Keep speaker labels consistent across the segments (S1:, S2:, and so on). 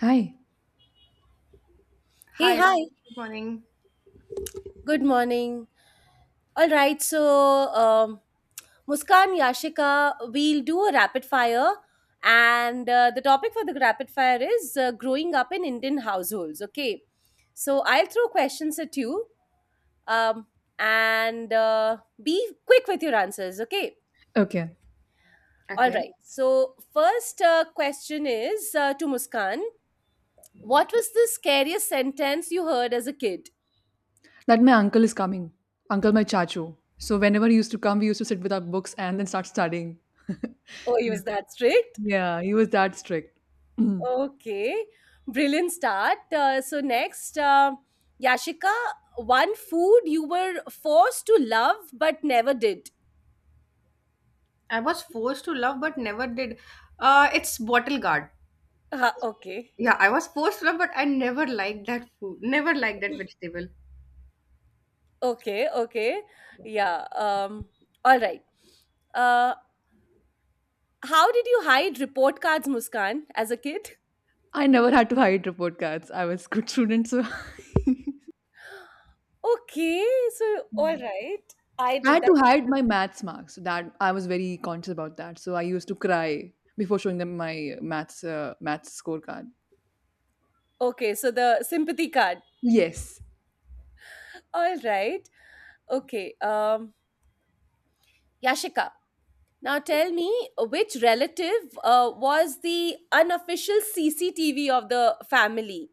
S1: Hi.
S2: Hey,
S3: Hi,
S2: hi.
S3: good morning.
S2: Good morning. All right. So, um, Muskan, Yashika, we'll do a rapid fire. And the topic for the rapid fire is growing up in Indian households. Okay. So, I'll throw questions at you, um, and be quick with your answers. Okay.
S1: Okay.
S2: All
S3: Okay.
S2: right. So, first question is to Muskan. What was the scariest sentence you heard as a kid?
S1: That my uncle is coming. Uncle my chachu. So whenever he used to come, we used to sit with our books and then start studying.
S2: Oh, he
S1: Yeah.
S2: was that strict.
S1: Yeah, he was that strict.
S2: Okay, brilliant start. So next, Yashika, one food you were forced to love but never did.
S3: I was forced to love but never did. It's bottle guard.
S2: Okay,
S3: Yeah, I was forced to love but I never liked that food. Never liked that vegetable.
S2: okay, okay. Yeah. All right. Uh, how did you hide report cards, Muskan, as a kid?
S1: I never had to hide report cards. I was good student, so
S2: Okay. So, all
S1: yeah.
S2: right, I
S1: I
S2: did
S1: had
S2: that.
S1: to hide my maths marks. So that I was very conscious about that. So I used to cry before showing them my maths scorecard.
S2: Okay. So the sympathy card.
S1: Yes.
S2: All right. Okay. Yashika, now tell me, which relative was the unofficial CCTV of the family?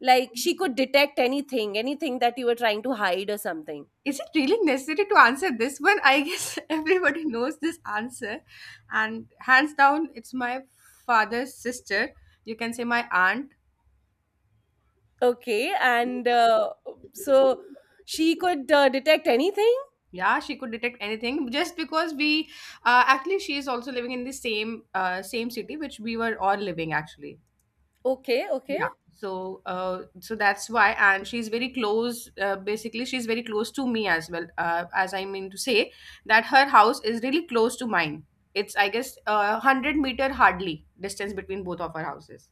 S2: Like, she could detect anything, anything that you were trying to hide or something.
S3: Is it really necessary to answer this one? I guess everybody knows this answer. And hands down, it's my father's sister. You can say my aunt.
S2: Okay, and so she could detect anything?
S3: Yeah, she could detect anything just because we actually she is also living in the same same city which we were all living actually.
S2: Okay, okay,
S3: Yeah. So that's why, and she's very close. Basically, she's very close to me as well. As I mean to say that her house is really close to mine. It's, I guess, 100 meter hardly distance between both of our houses.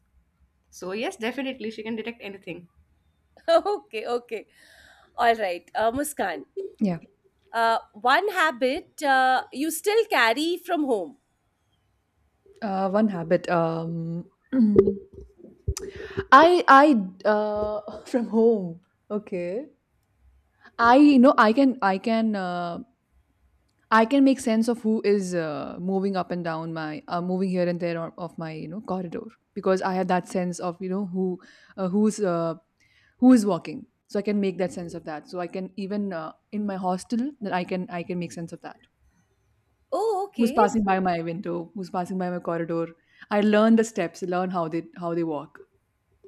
S3: So yes, definitely she can detect anything.
S2: okay, okay. All right, Muskan.
S1: Yeah.
S2: One habit you still carry from home.
S1: One habit. I uh from home. Okay. I you know I can I can make sense of who is moving up and down my moving here and there of my corridor because I have that sense of who uh, who's uh, who is walking. So I can make that sense of that. So I can even in my hostel that I can make sense of that.
S2: Oh,
S1: Who's
S2: okay.
S1: passing
S2: So,
S1: by my window? Who's passing by my corridor? I learn the steps. Learn how they walk.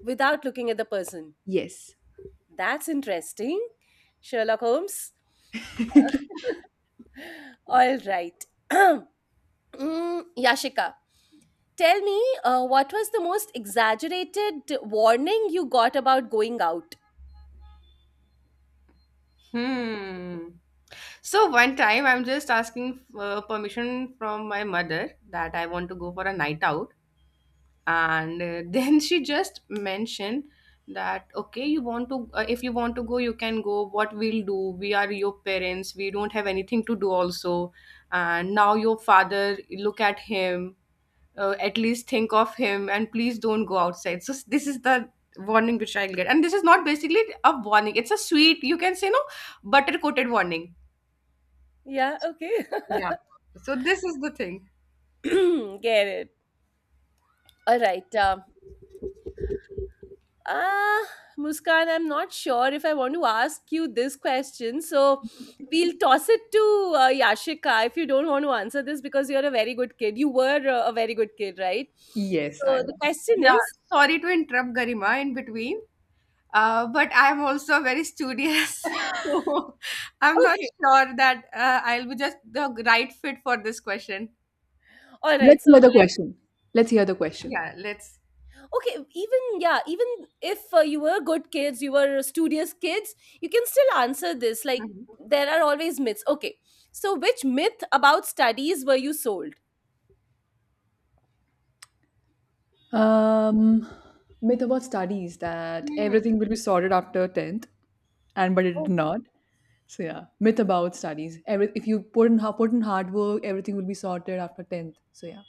S2: without looking at the person.
S1: Yes.
S2: That's interesting. Sherlock Holmes. All right. Yashika, tell me what was the most exaggerated warning you got about going out?
S3: Hmm. So one time I'm just asking permission from my mother that I want to go for a night out. And then she just mentioned that, okay, you want to if you want to go, you can go. What we'll do, we are your parents, we don't have anything to do also. And now your father, look at him, at least think of him, and please don't go outside. So this is the warning which I'll get, and this is not basically a warning, it's a sweet, you can say, no, butter coated warning.
S2: Yeah, okay.
S3: Yeah, so this is the thing.
S2: Get it. All right. Ah, Muskan, I'm not sure if I want to ask you this question. So we'll toss it to Yashika if you don't want to answer this because you're a very good kid. You were a very good kid, right?
S1: Yes.
S2: So
S1: I
S2: the question
S3: Yeah,
S2: is,
S3: sorry to interrupt Garima in between. But I'm also very studious. So I'm not
S2: okay,
S3: sure that I'll be just the right fit for this question.
S2: all right.
S1: Let's
S2: So,
S1: hear the question. Let's hear the question.
S3: Yeah, let's.
S2: okay, even, yeah, even if you were good kids, you were studious kids, you can still answer this, like,
S3: Mhm.
S2: there are always myths. Okay, so which myth about studies were you sold?
S1: Um, Myth about studies that
S3: Hmm.
S1: everything will be sorted after 10th, and but it did
S2: Oh,
S1: not. So yeah, myth about studies. Every if you put in put in hard work, everything will be sorted after 10th. So yeah,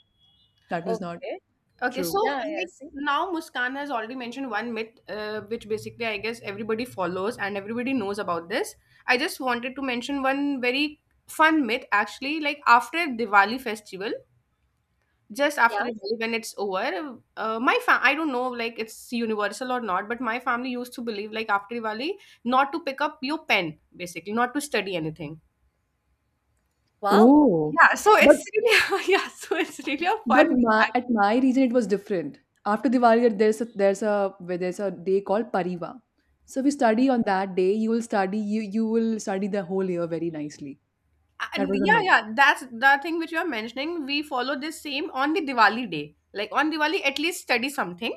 S1: that was not
S2: okay.
S3: Okay, so,
S1: true.
S2: Yeah, yeah.
S3: like,
S2: See.
S3: now Muskan has already mentioned one myth, which basically I guess everybody follows and everybody knows about this. I just wanted to mention one very fun myth actually. Like after Diwali festival, just
S2: Yeah.
S3: after Diwali when it's over, my fam I don't know like it's universal or not, but my family used to believe like after Diwali not to pick up your pen basically, not to study anything.
S2: Wow.
S1: Oh,
S3: Yeah, so
S1: but
S3: it's really yeah, so it's really a fun
S1: my, at
S3: act-
S1: my region it was different. After Diwali, there's a day called Pariva. So if you study on that day, you will study you you will study the whole year very nicely. That
S3: and
S1: was a
S3: yeah,
S1: myth.
S3: yeah, that's the thing which you are mentioning. We follow this same on the Diwali day. Like on Diwali, at least study something.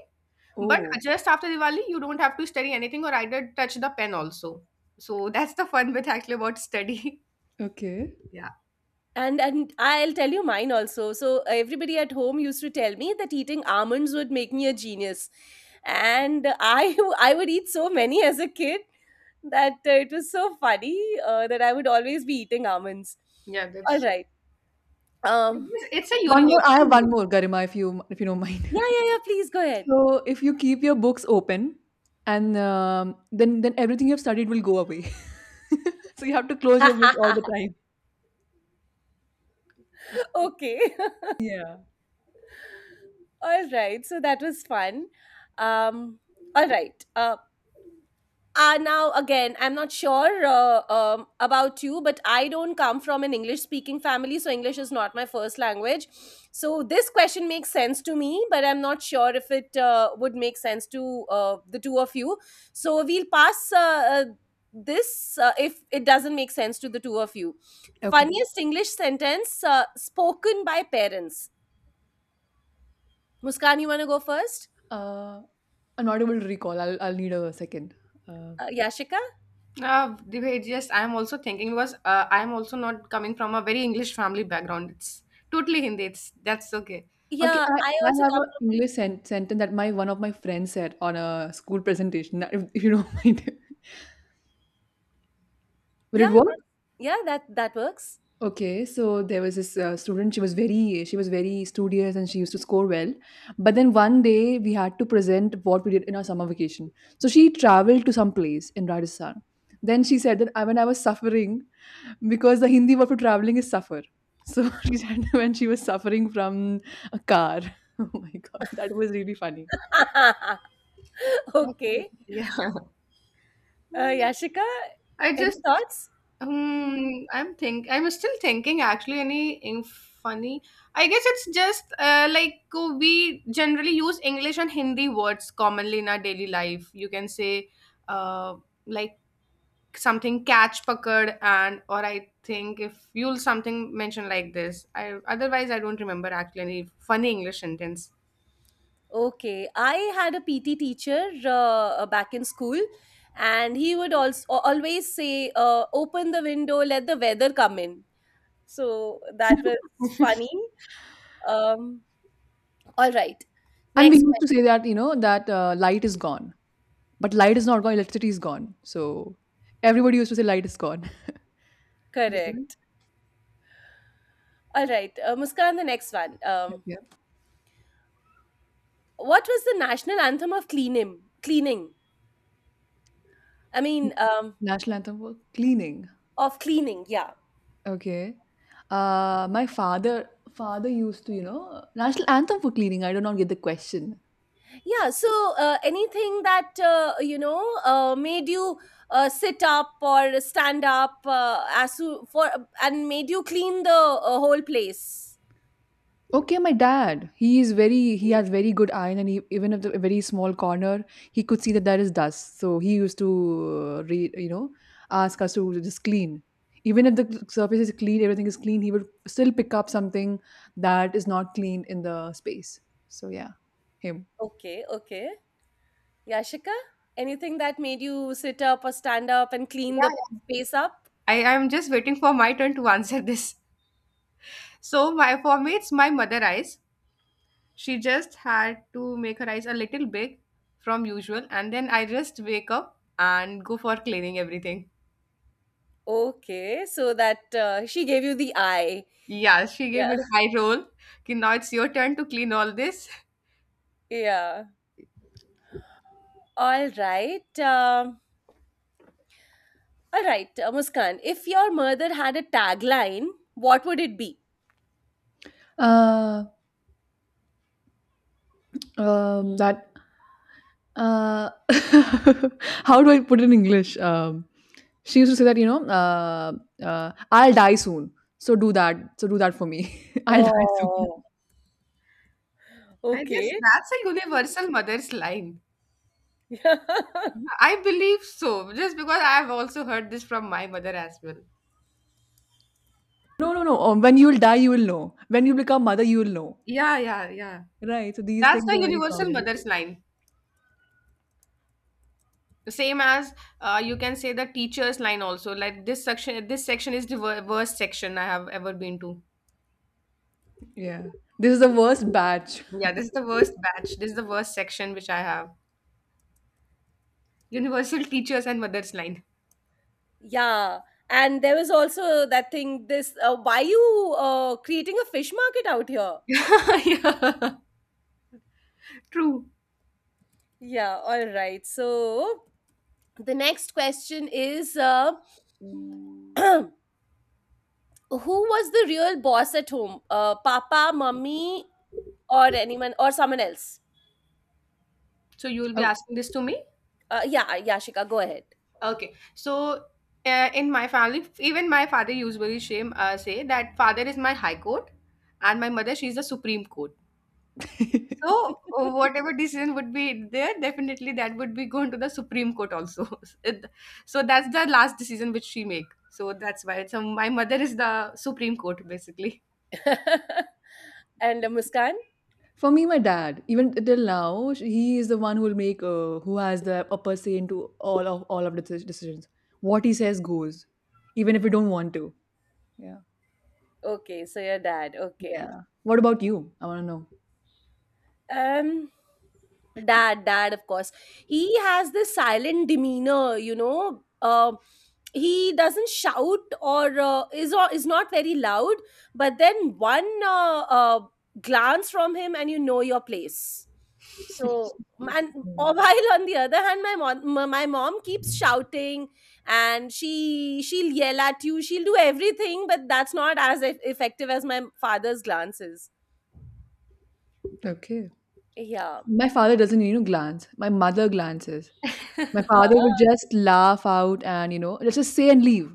S3: But
S1: Oh,
S3: just after Diwali, you don't have to study anything or either touch the pen also. So that's the fun bit actually about study.
S1: okay.
S3: Yeah.
S2: And I'll tell you mine also. So everybody at home used to tell me that eating almonds would make me a genius. And I I would eat so many as a kid that it was so funny, that I would always be eating almonds.
S3: Yeah,
S2: All
S3: that's
S2: right.
S3: I
S2: Um,
S3: guess it's a
S1: One more. I
S3: universal
S1: have one
S3: myth.
S1: more, Garima, if you don't mind.
S2: yeah, yeah, yeah. Please go ahead.
S1: So, if you keep your books open, and then everything you've studied will go away. So you have to close your book all the time.
S2: Okay.
S1: Yeah.
S2: All right. So that was fun. Um, all right. Now again, I'm not sure, about you, but I don't come from an English speaking family, so English is not my first language. So this question makes sense to me, but I'm not sure if it would make sense to the two of you. So we'll pass, uh, this, if it doesn't make sense to the two of you.
S1: Okay.
S2: Funniest English sentence spoken by parents. Muskan, you want to go first?
S1: Uh, an audible recall. I'll need a second. Uh,
S2: Yashika.
S3: The way just I'm also thinking was I'm also not coming from a very English family background. It's totally Hindi. It's that's okay.
S1: okay.
S2: Yeah, I
S1: I
S2: also
S1: have
S2: come
S1: an
S2: from.
S1: English sentence that my one of my friends said on a school presentation. If you don't mind, will
S2: Yeah,
S1: it work?
S2: yeah, that works.
S1: Okay, so there was this student. She was very studious and she used to score well. But then one day we had to present what we did in our summer vacation. So she traveled to some place in Rajasthan. Then she said that I, when I was suffering, because the Hindi word for traveling is suffer. So she said when she was suffering from a car. Oh my god, that was really funny.
S3: Okay.
S2: Okay.
S3: Yeah. Hmm,
S2: Yashika,
S3: I
S2: any
S3: just
S2: thoughts?
S3: I'm still thinking actually anything funny. I guess it's just like we generally use English and Hindi words commonly in our daily life. You can say uh, like something catch pakad and, or I think if you'll something mentioned like this. I otherwise I don't remember actually any funny English sentence.
S2: Okay. I had a PT teacher back in school, and he would also always say, "Open the window, let the weather come in." So that was funny. Um, all right.
S1: And we
S2: Next
S1: used to
S2: question.
S1: say that that light is gone, but light is not gone. Electricity is gone. So everybody used to say light is gone. Yeah.
S2: Correct. All right. Muskan, the next one. What was the national anthem of cleaning? Cleaning. I
S1: N
S2: mean,
S1: National anthem for cleaning.
S2: of cleaning. Yeah.
S1: Okay. My father used to, national anthem for cleaning. I do not get the question.
S2: Yeah, so anything that made you sit up or stand up, as you, for, and made you clean the whole place.
S1: Okay, my dad. He is very he has very good eye, and he, even if the a very small corner, he could see that there is dust. So he used to re, you know ask us to just clean. Even if the surface is clean, everything is clean, he would still pick up something that is not clean in the space. So yeah, him.
S2: Okay, okay. Yashika, anything that made you sit up or stand up and
S3: Yeah,
S2: clean the
S3: yeah.
S2: space up?
S3: I am just waiting for my turn to answer this. So my for me it's my mother eyes. She just had to make her eyes a little big from usual, and then I just wake up and go for cleaning everything.
S2: Okay, so that she gave you the eye.
S3: Yeah, she
S2: Yeah,
S3: gave me the high roll. Okay, now it's your turn to clean all this.
S2: yeah. All right. All right, Muskan, if your mother had a tagline, what would it be?
S1: Uh, that Uh, how do I put it in English? She used to say that, I'll die soon. So do that. So do that for me. I'll die soon.
S2: Oh,
S3: I guess
S2: okay.
S3: that's a universal mother's line. I believe so, just because I've also heard this from my mother as well.
S1: No, no, no. When you'll die, you will know. When you become mother, you will know.
S3: Yeah, yeah, yeah.
S1: Right. So these
S3: That's
S1: things
S3: the
S1: are very
S3: universal
S1: common.
S3: mother's line. Same as you can say the teacher's line also. Like this section is the worst section I have ever been to.
S1: Yeah. This is the worst batch.
S3: Yeah, this is the worst batch. This is the worst section which I have. Universal teachers and mother's line.
S2: Yeah. And there was also that thing, this, why you creating a fish market out here?
S3: Yeah, true.
S2: Yeah, all right. So the next question is who was the real boss at home? Papa, mummy, or anyone, or someone else?
S3: So you will be
S1: Oh.
S3: asking this to me?
S2: Yeah, Yashika, go ahead.
S3: Okay, so in my family, even my father usually shame say that father is my high court, and my mother, she's the supreme court. So whatever decision would be there, definitely that would be going to the supreme court also. It- so that's the last decision which she make. So that's why. So my mother is the supreme court basically.
S2: And Muskan?
S1: For me, my dad, even till now, he is the one who will make, who has the upper say into all of the decisions. What he says goes, even if we don't want to. Yeah.
S2: Okay, so your dad. Okay.
S1: Yeah. What about you? I want to know.
S2: Um, dad, dad, of course. He has this silent demeanor. He doesn't shout, or is, or is not very loud, but then one glance from him and you know your place. So, and,
S1: Mm.
S2: or while on the other hand, my mom keeps shouting, and she'll yell at you, she'll do everything, but that's not as effective as my father's glances.
S1: Okay.
S2: Yeah.
S1: My father doesn't, you know, glance. My mother glances. My father would
S2: Ah.
S1: just laugh out and, you know, just say and leave.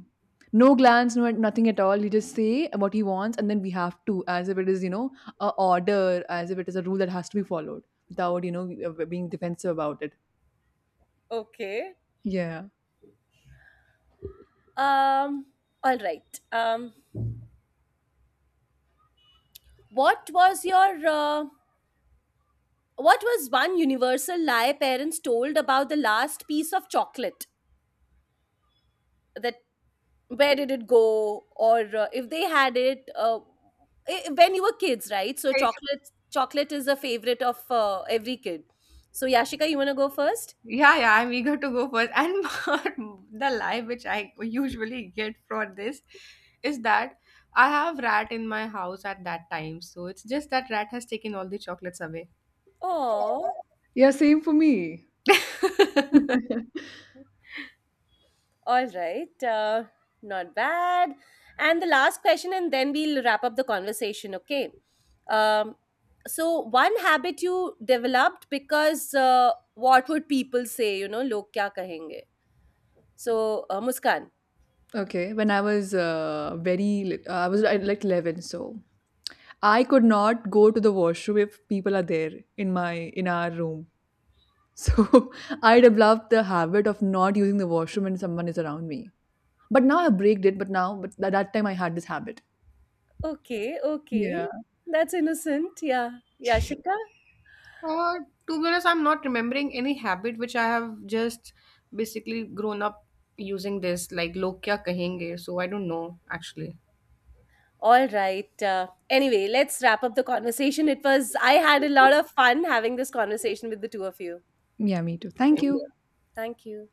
S1: No glance, no nothing at all. He just say what he wants, and then we have to, as if it is, you know, a order, as if it is a rule that has to be followed, without, you know, being defensive about it.
S2: Okay.
S1: Yeah.
S2: Um, all right. What was your uh, what was one universal lie parents told about the last piece of chocolate? That, where did it go, or if they had it, when you were kids, right? So chocolate is a favorite of every kid. So Yashika, you wanna go first?
S3: Yeah, yeah, I'm eager to go first. And the lie which I usually get for this is that I have rat in my house at that time. So it's just that rat has taken all the chocolates away.
S2: Oh.
S1: Yeah, same for me.
S2: All right. Not bad. And the last question, and then we'll wrap up the conversation. Okay. Um, so, one habit you developed because what would people say? You know, log kya kahenge? So, Muskan.
S1: Okay. When I was very, like 11, so I could not go to the washroom if people are there in our room. So I developed the habit of not using the washroom when someone is around me. But now I break it, but at that time I had this habit.
S2: Okay. Okay.
S1: Yeah.
S2: That's innocent. Yeah. Yeah. Shika.
S3: Uh, to be honest, I'm not remembering any habit which I have just basically grown up using this, like log kya kahenge. So I don't know actually.
S2: All right. Anyway, let's wrap up the conversation. It was, I had a lot of fun having this conversation with the two of you.
S1: Yeah, me too. Thank
S3: Same.
S1: you.
S2: Thank you.